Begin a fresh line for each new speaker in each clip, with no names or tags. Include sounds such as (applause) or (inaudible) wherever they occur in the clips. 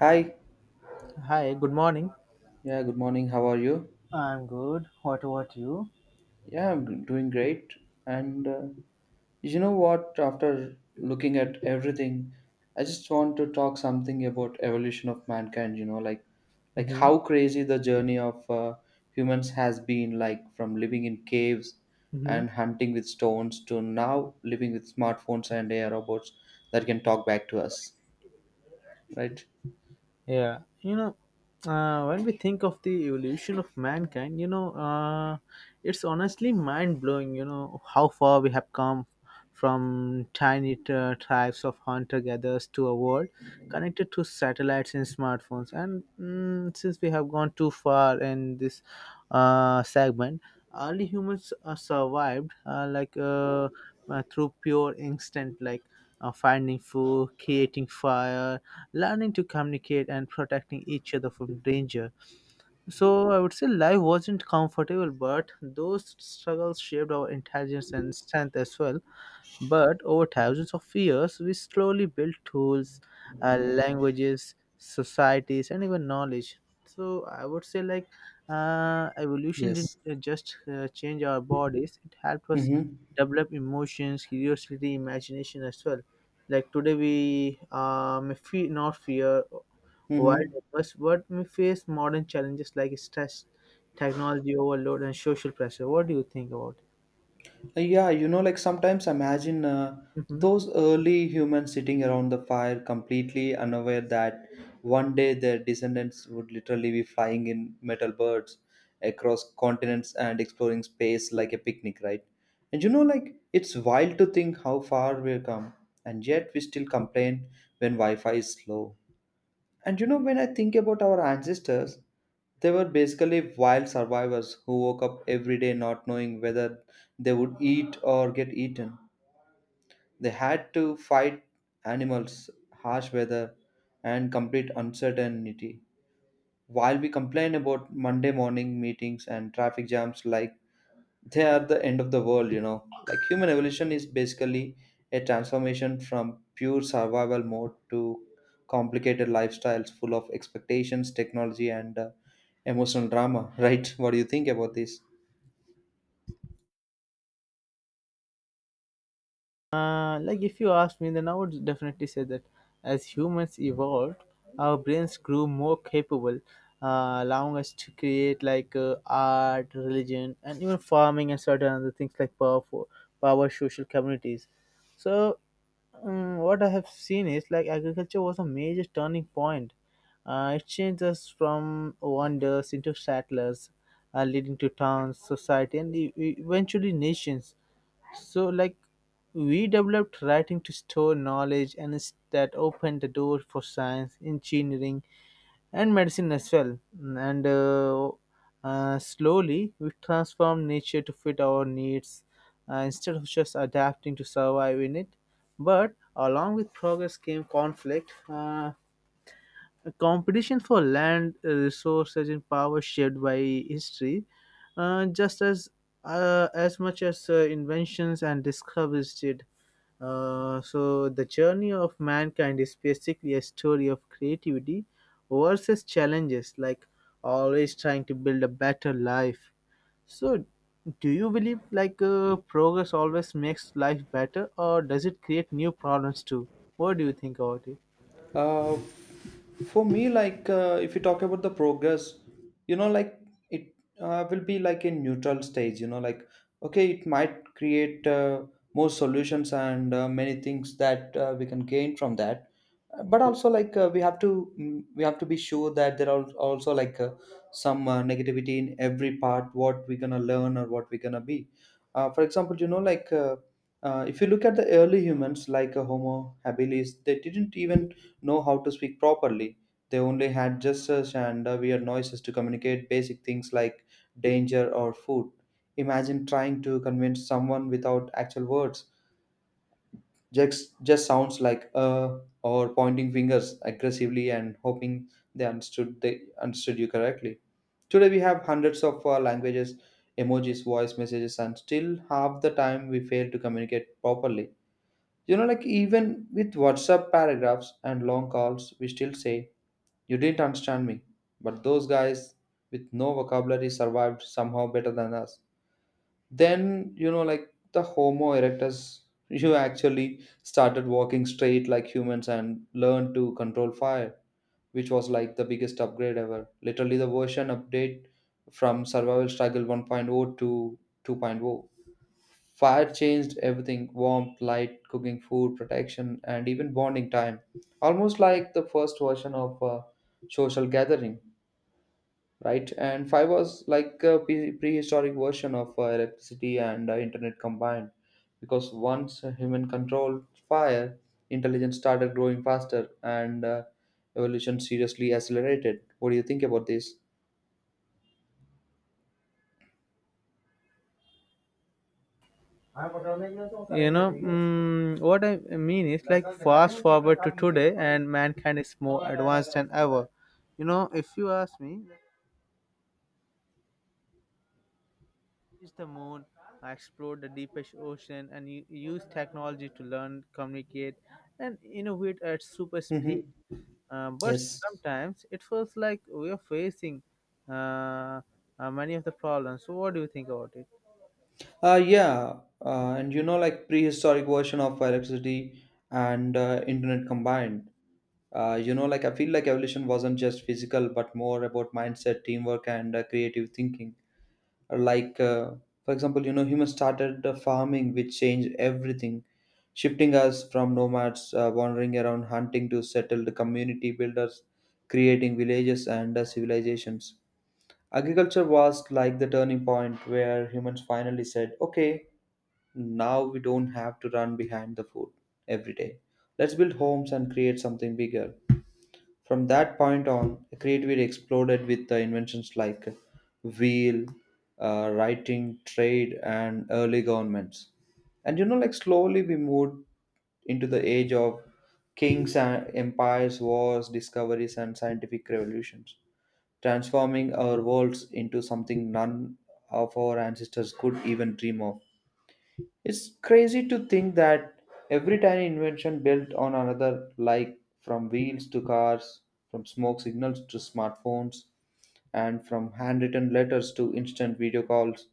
Hi.
Hi, good morning.
Yeah, good morning. How are you?
I'm good. What about you?
Yeah, I'm doing great. And You know what? After looking at everything, I just want to talk something about evolution of mankind, you know, like
Mm-hmm.
how crazy the journey of humans has been like from living in caves
Mm-hmm.
and hunting with stones to now living with smartphones and AI robots that can talk back to us, right?
Yeah, you know, when we think of the evolution of mankind, you know, it's honestly mind blowing, you know, how far we have come from tiny tribes of hunter gatherers to a world connected to satellites and smartphones. Since we have gone too far in this segment, early humans survived through pure instinct, like finding food, creating fire, learning to communicate, and protecting each other from danger. So I would say life wasn't comfortable, but those struggles shaped our intelligence and strength as well. But over thousands of years, we slowly built tools, languages, societies, and even knowledge. So I would say, like, evolution didn't
Yes.
just change our bodies; it helped us
Mm-hmm.
develop emotions, curiosity, imagination as well. Like today, we may fear, not fear wild
Mm-hmm.
animals, but may face modern challenges like stress, technology overload, and social pressure. What do you think about it?
Yeah, you know, like sometimes imagine
Mm-hmm.
those early humans sitting around the fire completely unaware that one day their descendants would literally be flying in metal birds across continents and exploring space like a picnic, right? And you know, like it's wild to think how far we've come, and yet we still complain when Wi Fi is slow. And you know, when I think about our ancestors, they were basically wild survivors who woke up every day not knowing whether they would eat or get eaten. They had to fight animals, harsh weather, and complete uncertainty. While we complain about Monday morning meetings and traffic jams like they are the end of the world. You know, like human evolution is basically a transformation from pure survival mode to complicated lifestyles full of expectations, technology, and emotional drama (laughs) right? What do you think about this?
Like if you ask me, then I would definitely say that as humans evolved, our brains grew more capable, allowing us to create like art, religion, and even farming and certain other things like power, social communities. So what I have seen is like agriculture was a major turning point. It changed us from wanderers into settlers, leading to towns, society, and eventually nations. So, like, we developed writing to store knowledge, and that opened the door for science, engineering, and medicine as well. And Slowly, we transformed nature to fit our needs instead of just adapting to survive in it. But along with progress came conflict. A competition for land, resources, and power shaped by history just as much as inventions and discoveries did. So the journey of mankind is basically a story of creativity versus challenges, like always trying to build a better life. So, do you believe like progress always makes life better, or does it create new problems too? What do you think about it?
uh, for me, like if you talk about the progress, you know, like it will be like a neutral stage, you know, like okay, it might create more solutions and many things that we can gain from that. But also like we have to, we have to be sure that there are also like some negativity in every part what we're gonna learn or what we're gonna be. For example, you know, like if you look at the early humans like homo habilis, they didn't even know how to speak properly. They only had gestures and weird noises to communicate basic things like danger or food. Imagine trying to convince someone without actual words. Just sounds like or pointing fingers aggressively and hoping they understood you correctly. Today we have hundreds of languages, emojis, voice messages, and still half the time we fail to communicate properly. You know, like even with whatsapp paragraphs and long calls we still say you didn't understand me, but those guys with no vocabulary survived somehow better than us. Then, you know, like the Homo erectus, (laughs) you actually started walking straight like humans and learned to control fire, which was like the biggest upgrade ever. Literally, the version update from Survival Struggle 1.0 to 2.0. Fire changed everything: warmth, light, cooking, food, protection, and even bonding time. Almost like the first version of a social gathering, right? And fiber was like a prehistoric version of electricity and internet combined, because once a human controlled fire, intelligence started growing faster and evolution seriously accelerated. What do you think about this?
You know, what I mean is like, fast forward to today, and mankind is more advanced than ever. You know, if you ask me, then reach the moon, explore the deepest ocean, and use technology to learn, communicate, and innovate at super speed.
Mm-hmm.
But
Yes.
sometimes it feels like we are facing uh, many of the problems. So, what do you think about it?
Yeah, and you know, like prehistoric version of electricity and internet combined. You know, like I feel like evolution wasn't just physical, but more about mindset, teamwork, and creative thinking. Like for example, you know, humans started farming, which changed everything, shifting us from nomads wandering around hunting to settled community builders, creating villages and civilizations. Agriculture was like the turning point where humans finally said okay, now we don't have to run behind the food every day. Let's build homes and create something bigger. From that point on, creativity exploded with the inventions like wheel, writing, trade, and early governments. And you know, like slowly we moved into the age of kings and empires, wars, discoveries, and scientific revolutions, transforming our worlds into something none of our ancestors could even dream of. It's crazy to think that every tiny invention built on another, like from wheels to cars, from smoke signals to smartphones, and from handwritten letters to instant video calls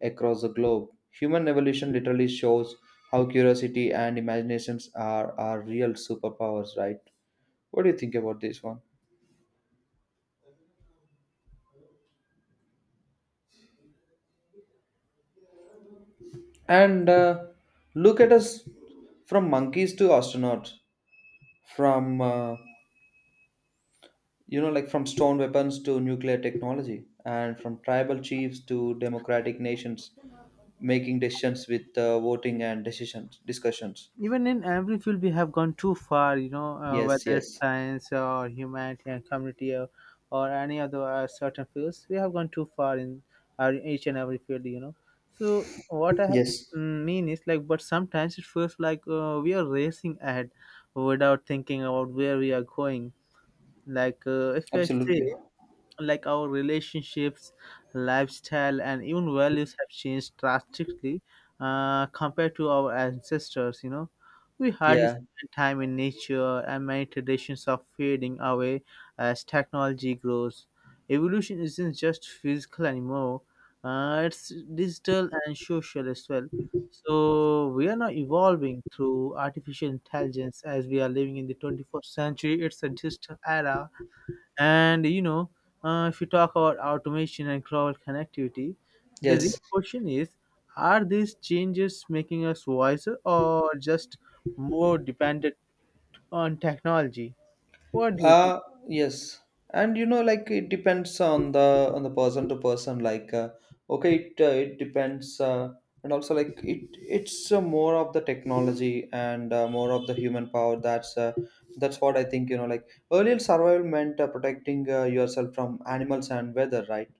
across the globe. Human evolution literally shows how curiosity and imaginations are our real superpowers, right? What do you think about this one? And look at us, from monkeys to astronauts, from you know, like from stone weapons to nuclear technology, and from tribal chiefs to democratic nations making decisions with voting and decisions discussions.
Even in every field we have gone too far, you know.
Yes,
Whether it's
yes,
science or humanity and community, or any other certain fields, we have gone too far in each and every field, you know. So what I have,
yes,
mean is like, but sometimes it feels like we are racing ahead without thinking about where we are going. Like if I say,
absolutely.
like, our relationships, lifestyle, and even values have changed drastically compared to our ancestors, you know. We hardly
Yeah,
spend time in nature, and many traditions are fading away as technology grows. Evolution isn't just physical anymore; it's digital and social as well. So we are now evolving through artificial intelligence, as we are living in the 21st century. It's a digital era. And you know, if you talk about automation and cloud connectivity, the
yes,
real question is: are these changes making us wiser or just more dependent on technology? What do you think?
uh yes. And you know, like it depends on the person to person. Like okay, it it depends and also like it's more of the technology and more of the human power. That's what I think. You know, like earlier survival meant protecting yourself from animals and weather, right?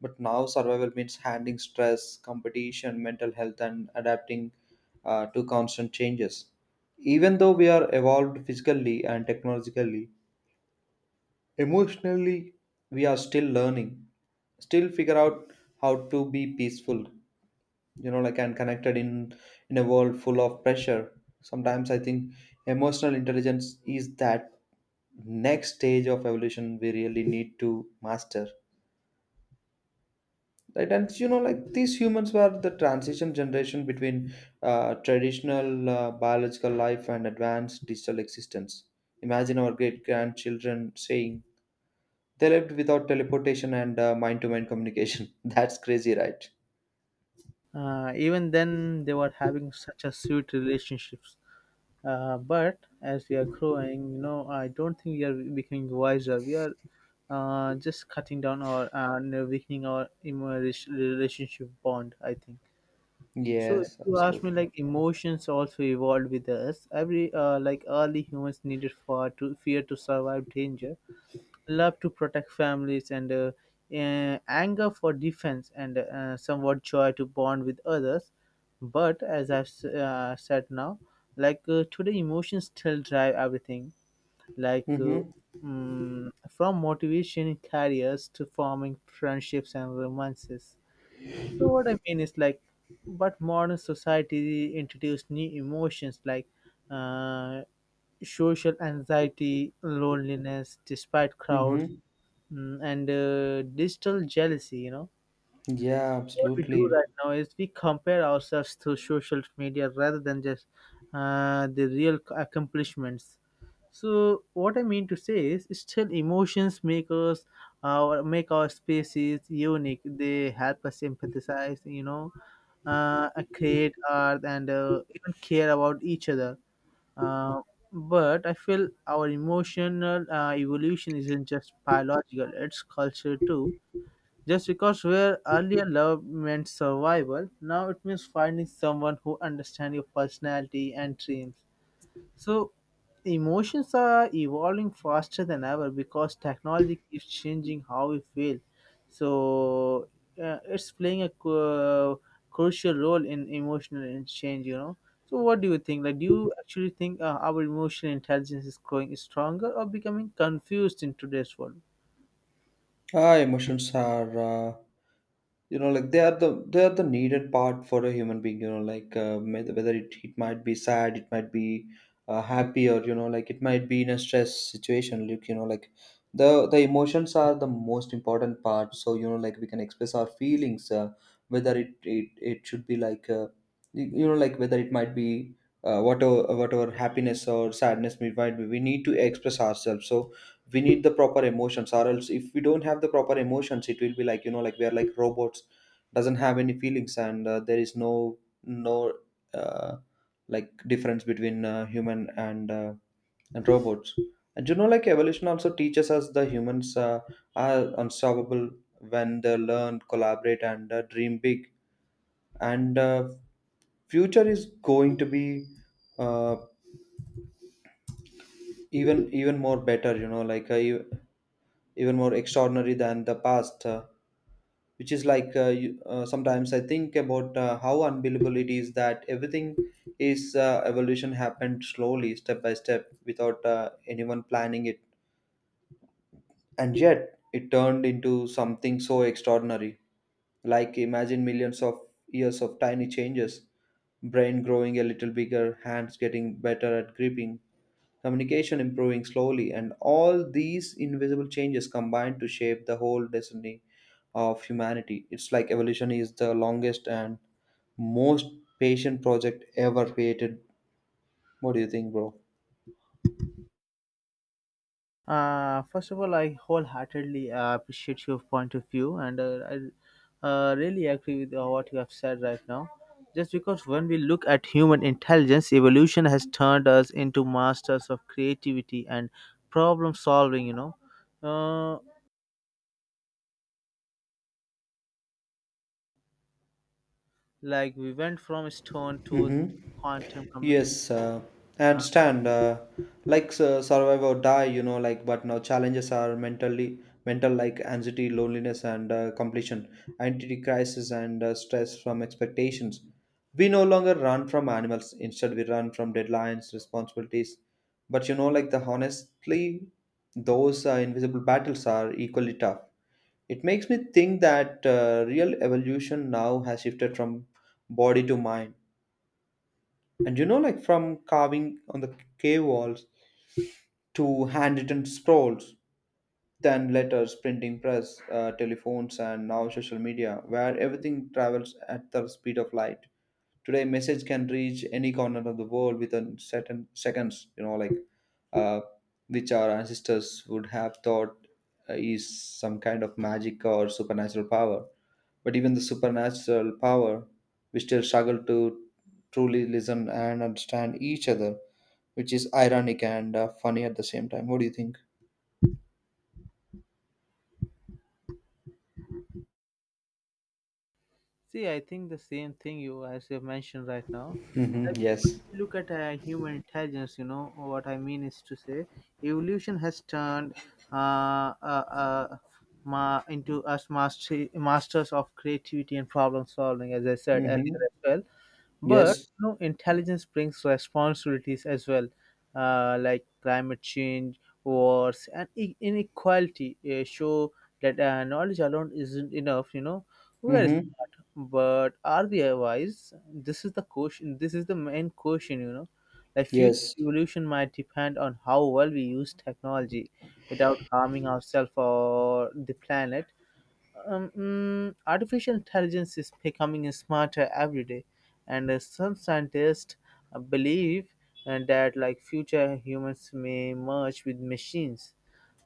But now survival means handling stress, competition, mental health, and adapting to constant changes. Even though we are evolved physically and technologically, emotionally we are still learning, still figure out how to be peaceful, you know, like, and connected in a world full of pressure. Sometimes I think emotional intelligence is that next stage of evolution we really need to master, right? And you know, like these humans were the transition generation between traditional biological life and advanced digital existence. Imagine our great grandchildren saying they lived without teleportation and mind-to-mind communication. (laughs) That's crazy, right?
Even then, they were having such a sweet relationships. But as we are growing, you know, I don't think we are becoming wiser. We are just cutting down our and weakening our relationship bond, I think. So if
Yes,
you ask me,
absolutely.
like, emotions also evolved with us. Every Like early humans needed for to fear to survive danger, love to protect families, and anger for defense, and somewhat joy to bond with others. But as I've said now, like today, emotions still drive everything. Like uh,
Mm-hmm.
from motivation in careers to forming friendships and romances. So what I mean is like, but modern society introduced new emotions like uh, social anxiety, loneliness despite crowds,
Mm-hmm.
mm, and digital jealousy, you know.
Yeah,
So what we do
absolutely.
right now is we compare ourselves through social media rather than just the real accomplishments. So what I mean to say is, still emotions make our, make our species unique. They help us empathize, you know, create art, and even care about each other. Uh, but I feel our emotional evolution isn't just biological; it's cultural too. Just because where earlier love meant survival, now it means finding someone who understands your personality and dreams. So, emotions are evolving faster than ever because technology is changing how we feel. So, it's playing a crucial role in emotional, in change, you know. So, what do you think? Like, do you actually think our emotional intelligence is growing stronger or becoming confused in today's world?
Ah, emotions are, you know, like they are the needed part for a human being. You know, like whether it might be sad, it might be happy, or you know, like it might be in a stress situation. Like you know, like the emotions are the most important part. So you know, like we can express our feelings. Whether it should be like, you know, like whether it might be. Whatever happiness or sadness we might be, we need to express ourselves. So we need the proper emotions, or else if we don't have the proper emotions, it will be like, you know, like we are like robots, doesn't have any feelings, and there is no no uh, like difference between human and robots. And you know, like evolution also teaches us the humans are unstoppable when they learn, collaborate, and dream big. And future is going to be uh, even more better, you know, like even more extraordinary than the past, which is like sometimes I think about how unbelievable it is that everything is evolution happened slowly, step by step, without anyone planning it, and yet it turned into something so extraordinary. Like imagine millions of years of tiny changes, brain growing a little bigger, hands getting better at gripping, communication improving slowly, and all these invisible changes combine to shape the whole destiny of humanity. It's like evolution is the longest and most patient project ever created. What do you think, bro?
First of all, I wholeheartedly appreciate your point of view, and I really agree with what you have said right now. Just because when we look at human intelligence, evolution has turned us into masters of creativity and problem solving, you know. Uh, like we went from stone tools to
Mm-hmm.
quantum
Yes, I understand. Like survive or die, you know. Like, but now challenges are mental, like anxiety, loneliness, and completion, identity crisis, and stress from expectations. We no longer run from animals. Instead, we run from deadlines, responsibilities. But you know, like the honestly, those invisible battles are equally tough. It makes me think that real evolution now has shifted from body to mind. And you know, like from carving on the cave walls to handwritten scrolls, then letters, printing press, telephones, and now social media, where everything travels at the speed of light. Today, message can reach any corner of the world within certain seconds. You know, like uh, which our ancestors would have thought is some kind of magic or supernatural power. But even the supernatural power, we still struggle to truly listen and understand each other, which is ironic and funny at the same time. What do you think?
See, I think the same thing you as you have mentioned right now.
Mm-hmm.
Like when
Yes.
we look at human intelligence, you know what I mean is to say evolution has turned uh, uh, uh, masters of creativity and problem solving, as I said earlier
Mm-hmm.
as well. But
Yes.
you know, intelligence brings responsibilities as well, like climate change, wars, and inequality show that knowledge alone isn't enough. You know, we are
Mm-hmm.
smart, but are we wise? This is the question. This is the main question. You know, like future
Yes.
evolution might depend on how well we use technology without harming ourselves or the planet. Artificial intelligence is becoming smarter every day, and some scientists believe that, like, future humans may merge with machines.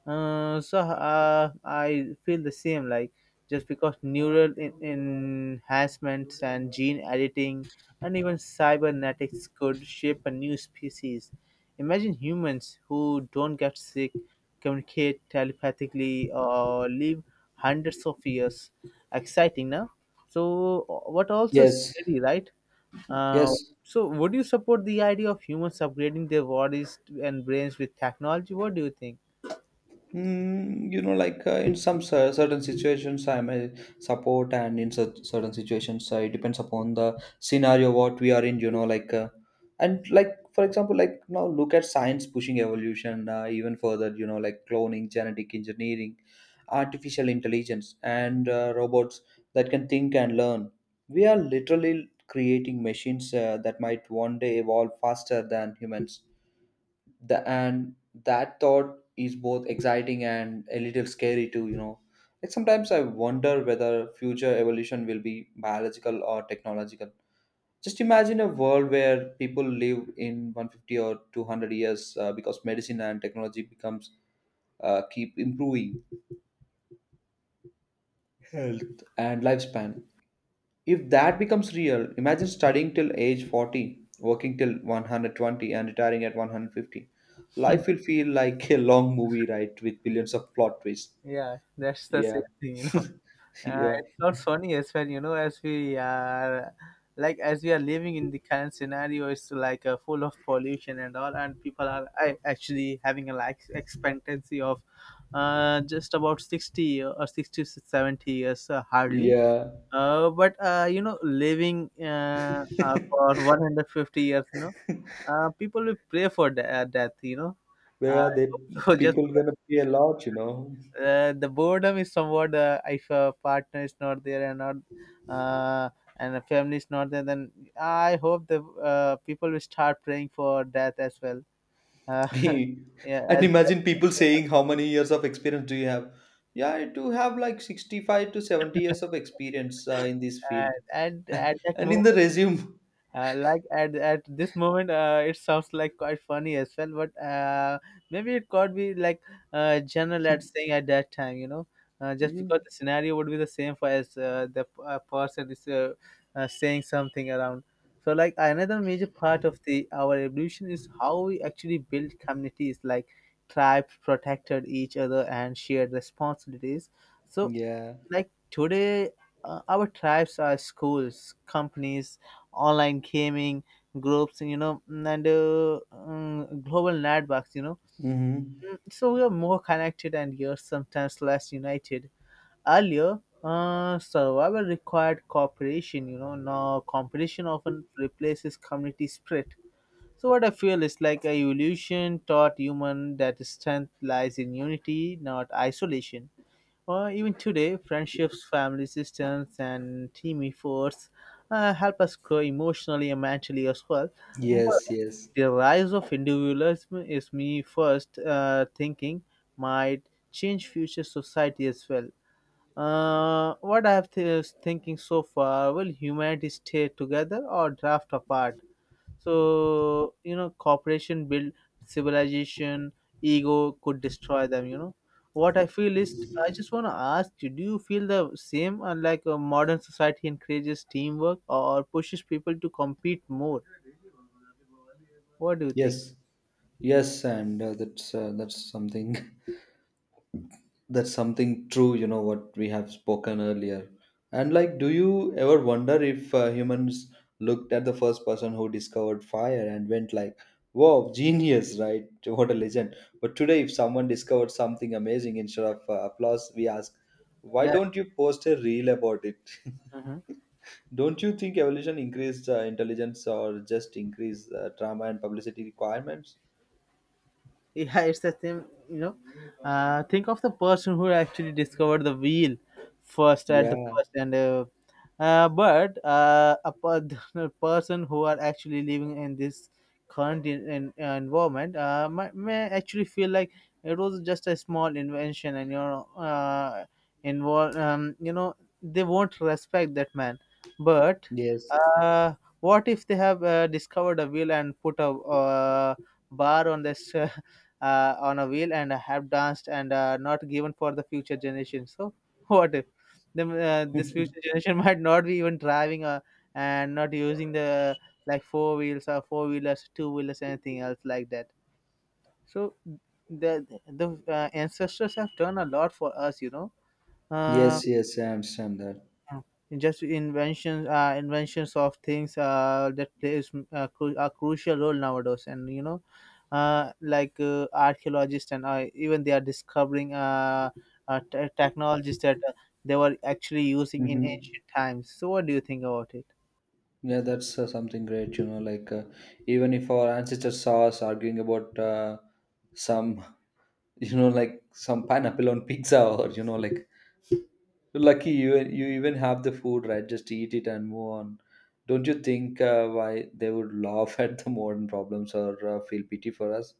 I feel the same. Like, just because neural enhancements and gene editing and even cybernetics could shape a new species. Imagine humans who don't get sick, communicate telepathically, or live hundreds of years. Exciting, now. So what also is
Yes.
scary, right? Uh,
Yes.
so would you support the idea of humans upgrading their bodies and brains with technology? What do you think?
You know, like in some certain situations, I may support, and in certain situations, it depends upon the scenario what we are in. You know, like and like for example, like now look at science pushing evolution even further. You know, like cloning, genetic engineering, artificial intelligence, and robots that can think and learn. We are literally creating machines that might one day evolve faster than humans the and that thought is both exciting and a little scary too, sometimes I wonder whether future evolution will be biological or technological. Just imagine a world where people live in 150 or 200 years, because medicine and technology becomes keep improving health and lifespan. If that becomes real, imagine studying till age 40, working till 120, and retiring at 150. Life will feel like a long movie, right? With billions of plot twists.
Yeah, that's the same
Yeah.
thing, you know. (laughs)
(laughs) Yeah.
It's not funny as well, you know, as we are like as we are living in the current scenario. It's like full of pollution and all, and people are actually having a life expectancy of just about 60 or 60 to 70 years, hardly.
Yeah.
But You know, living for 150 years, you know, people will pray for death, you know.
Where
Uh,
are they?
(laughs) so just
People gonna pay a lot,
the boredom is somewhat, if a partner is not there and not uh, and a family is not there, then I hope the people will start praying for death as well. Uh,
(laughs) And
(laughs) yeah, as
imagine people saying, "How many years of experience do you have?" Yeah, I do have like 65 to 70 years of experience in this
uh,
field.
and at
(laughs)
that
And in the
moment,
resume.
At this moment, it sounds like quite funny as well, but maybe it could be like general at saying at that time, you know, just because the
(laughs)
scenario would be the same for, as person is saying something around. So, like, another major part of the our evolution is how we actually build communities, like tribes protected each other and shared responsibilities. So
Yeah.
like today, our tribes are schools, companies, online gaming groups, you know, and global networks, you know.
Mm-hmm.
Mm, so we are more connected and yet sometimes less united. Earlier, survival required cooperation, you know. Now, competition often replaces community spirit. So what I feel is like a evolution taught human that strength lies in unity, not isolation. Even today, friendships, family systems, and team efforts help us grow emotionally and mentally as well. But
Yes, yes,
the rise of individualism, is me first thinking might change future society as well. What I have is thinking so far: will humanity stay together or drift apart? So, you know, cooperation build civilization, ego could destroy them, you know. What I feel is, I just want to ask you, do you feel the same? Unlike a modern society encourages teamwork or pushes people to compete more? What do you think?
yes, yes, and that's something (laughs) that's something true. You know what we have spoken earlier, and like, do you ever wonder if humans looked at the first person who discovered fire and went like, "Wow, genius!" Right? (laughs) What a legend. But today, if someone discovered something amazing, instead of applause, we ask, "Why
Yeah.
don't you post a reel about it?" (laughs) Don't you think evolution increased intelligence or just increased drama and publicity requirements?
(laughs) Yeah, it's the same. you know think of the person who actually discovered the wheel first at the
Yeah,
first and but A (laughs) person who are actually living in this current environment may actually feel like it was just a small invention and involve you know they won't respect that man. But
yes,
uh, what if they have discovered a wheel and put a bar on this (laughs) on a wheel and have danced and not given for the future generation? So (laughs) what if then this future generation (laughs) might not be even driving and not using the like four wheels or four wheelers, two wheelers, anything else like that. So the ancestors have done a lot for us, you know. Uh,
yes, yes, I understand that.
yeah. Just inventions, inventions of things that plays a crucial role nowadays, and like archaeologists, and even they are discovering technologies that they were actually using in
Mm-hmm.
ancient times. So what do you think about it?
Yeah, that's something great, Like, even if our ancestors saw us arguing about some, (laughs) like some pineapple on pizza, or, like, lucky you, you even have the food, right? Just eat it and move on. Don't you think why they would laugh (laughs) at the modern problems, or feel pity for us?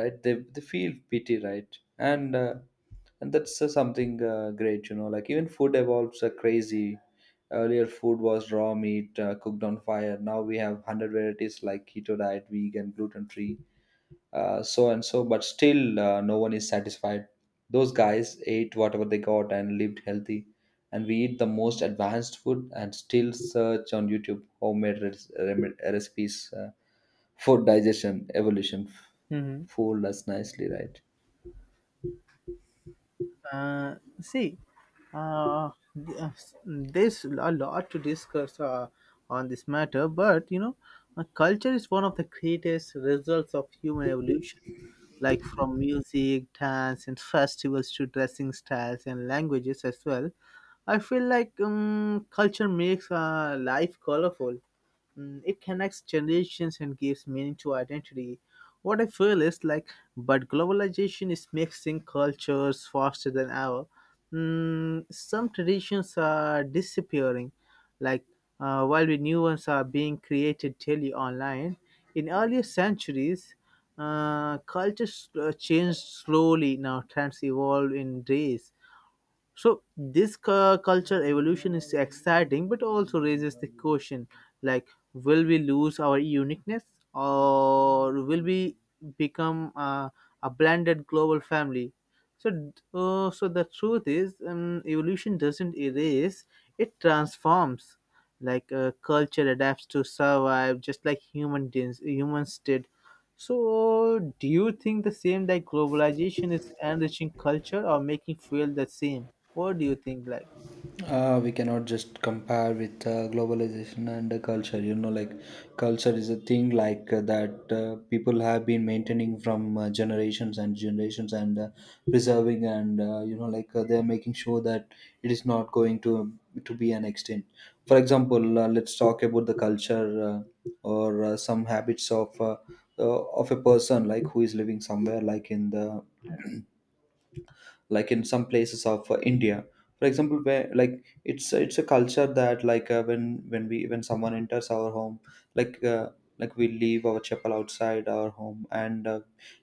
Right, they feel pity, right? And and that's something great, like even food evolves crazy. Earlier food was raw meat, cooked on fire. Now we have 100 varieties like keto diet, vegan, gluten free, so and so, but still no one is satisfied. Those guys ate whatever they got and lived healthy, and we eat the most advanced food and still search on YouTube homemade recipes for digestion, evolution.
Hmm.
Fooled us nicely, right?
uh, See, uh, there's a lot to discuss on this matter, but you know, culture is one of the greatest results of human evolution, like from music, dance, and festivals to dressing styles and languages as well. I feel like culture makes life colorful. It connects generations and gives meaning to identity. What I feel is like, but globalization is mixing cultures faster than ever. Some traditions are disappearing, like while the new ones are being created daily online. In earlier centuries, cultures changed slowly. Now trends evolve in days. So this culture evolution is exciting, but also raises the question: like, will we lose our uniqueness, or will we become a blended global family? So the truth is, evolution doesn't erase; it transforms. Like culture adapts to survive, just like human dins, humans did. So, do you think the same, that globalization is enriching culture or making fuel the same? What do you think? Like,
We cannot just compare with globalization and culture, like culture is a thing like that people have been maintaining from generations and generations, and preserving, and they're making sure that it is not going to be an extent. For example, let's talk about the culture, or some habits of a person, like who is living somewhere, like in the, like in some places of India. For example, where like it's a culture that like when we when someone enters our home, like uh, like we leave our chapel outside our home, and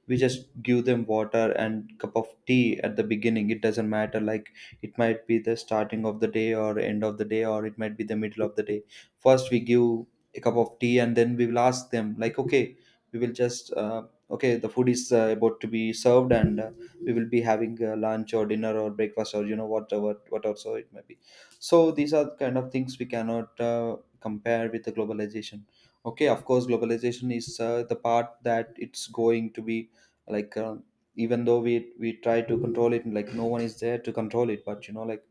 we just give them water and cup of tea at the beginning. It doesn't matter, like it might be the starting of the day or end of the day, or it might be the middle of the day. First we give a cup of tea, and then we will ask them like, okay, we will just okay, the food is about to be served, and we will be having lunch or dinner or breakfast, or you know whatever what also it may be. So these are the kind of things we cannot compare with the globalization. Okay, of course globalization is the part that it's going to be like, even though we try to control it, like no one is there to control it, but you know, like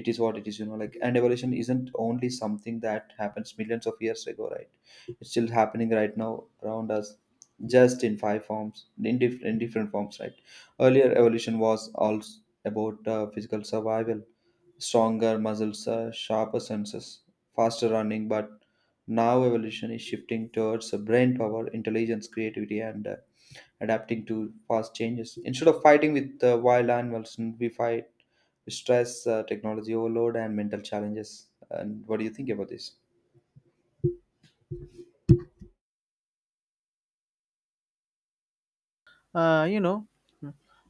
it is what it is, like. And evolution isn't only something that happens millions of years ago, right? It's still happening right now around us, just in five forms, in different forms, right? Earlier evolution was all about physical survival: stronger muscles, sharper senses, faster running. But now evolution is shifting towards brain power, intelligence, creativity, and adapting to fast changes. Instead of fighting with wild animals, we fight with stress, technology overload, and mental challenges. And what do you think about this?
you know,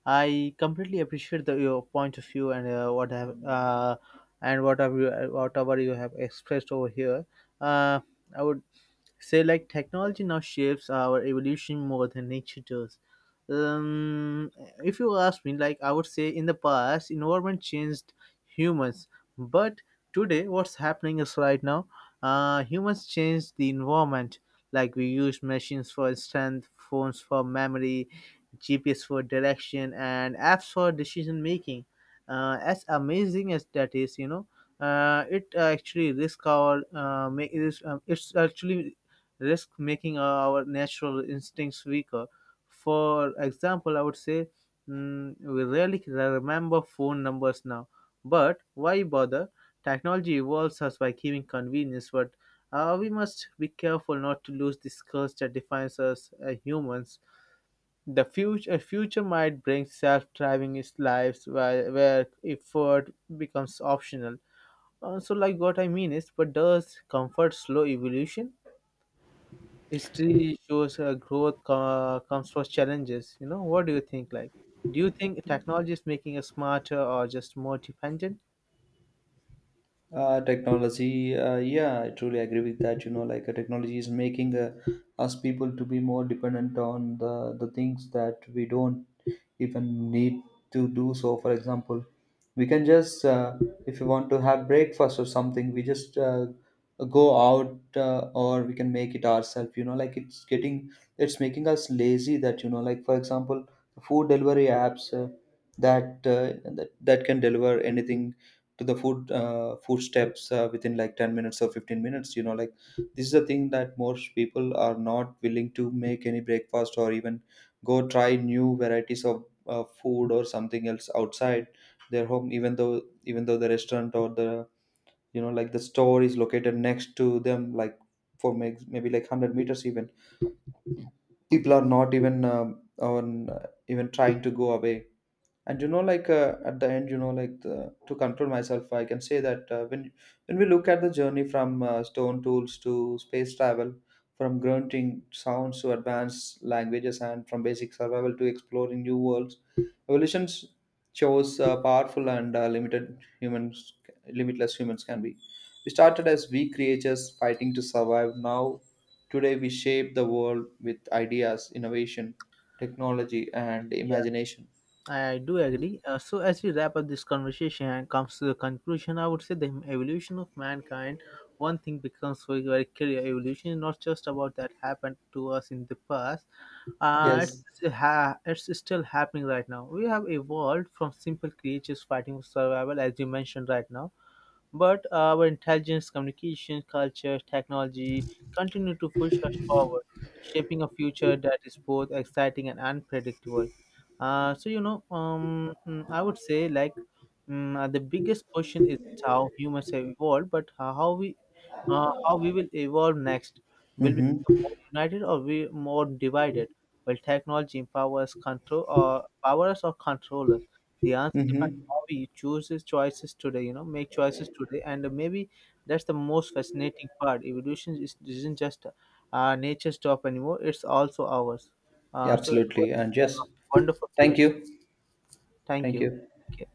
I completely appreciate your point of view and whatever whatever you have expressed over here. Uh, I would say like technology now shapes our evolution more than nature does. um if you ask me, like, I would say in the past environment changed humans, but today what's happening is right now humans changed the environment. Like we use machines, for instance phones for memory, GPS for direction, and apps for decision making. As amazing as that is, you know, it actually risk our make it is, it's actually risk making our natural instincts weaker. For example, I would say, we rarely remember phone numbers now, but why bother? Technology evolves us by giving convenience, but we must be careful not to lose this curse that defines us as humans. The future might bring self-driving lives where effort becomes optional. So, like what I mean is, but does comfort slow evolution? History shows growth comes from challenges. You know what do you think, like, do you think technology is making us smarter or just more dependent?
Technology yeah, I truly agree with that, like technology is making us people to be more dependent on the things that we don't even need to do. So for example, we can just if you want to have breakfast or something, we just go out, or we can make it ourselves, you know, like it's getting, it's making us lazy. That, like, for example, food delivery apps, that can deliver anything, to the food, food steps, within like 10 minutes or 15 minutes, you know, like this is a thing that most people are not willing to make any breakfast or even go try new varieties of food or something else outside their home. Even though, even though the restaurant or the, like, the store is located next to them, like for maybe like 100 meters even, people are not even on even trying to go away. And at the end, to control myself, I can say that when we look at the journey from stone tools to space travel, from grunting sounds to advanced languages, and from basic survival to exploring new worlds, evolution shows powerful and limited humans limitless humans can be. We started as weak creatures fighting to survive. Now today we shape the world with ideas, innovation, technology, and
Yeah,
imagination.
I do agree. So as we wrap up this conversation and comes to the conclusion, I would say the evolution of mankind, one thing becomes very very clear: evolution is not just about that happened to us in the past.
Yes.
It's still happening right now. We have evolved from simple creatures fighting for survival, as you mentioned right now. But our intelligence, communication, culture, technology continue to push us forward, shaping a future that is both exciting and unpredictable. So you know, I would say like, the biggest question is how humans have evolved, but how we will evolve next. Will we become
Mm-hmm.
more united or we more divided? Will technology empower us, control or power us or control us? The answer depends.
Mm-hmm.
Hobby chooses choices today, you know, make choices today, and maybe that's the most fascinating part. Evolution isn't just nature's job anymore, it's also ours.
Yeah,
So it was
absolutely. And
a
yes,
wonderful
thank
conversation.
you.
Thank
Thank
you.
you.
Take care.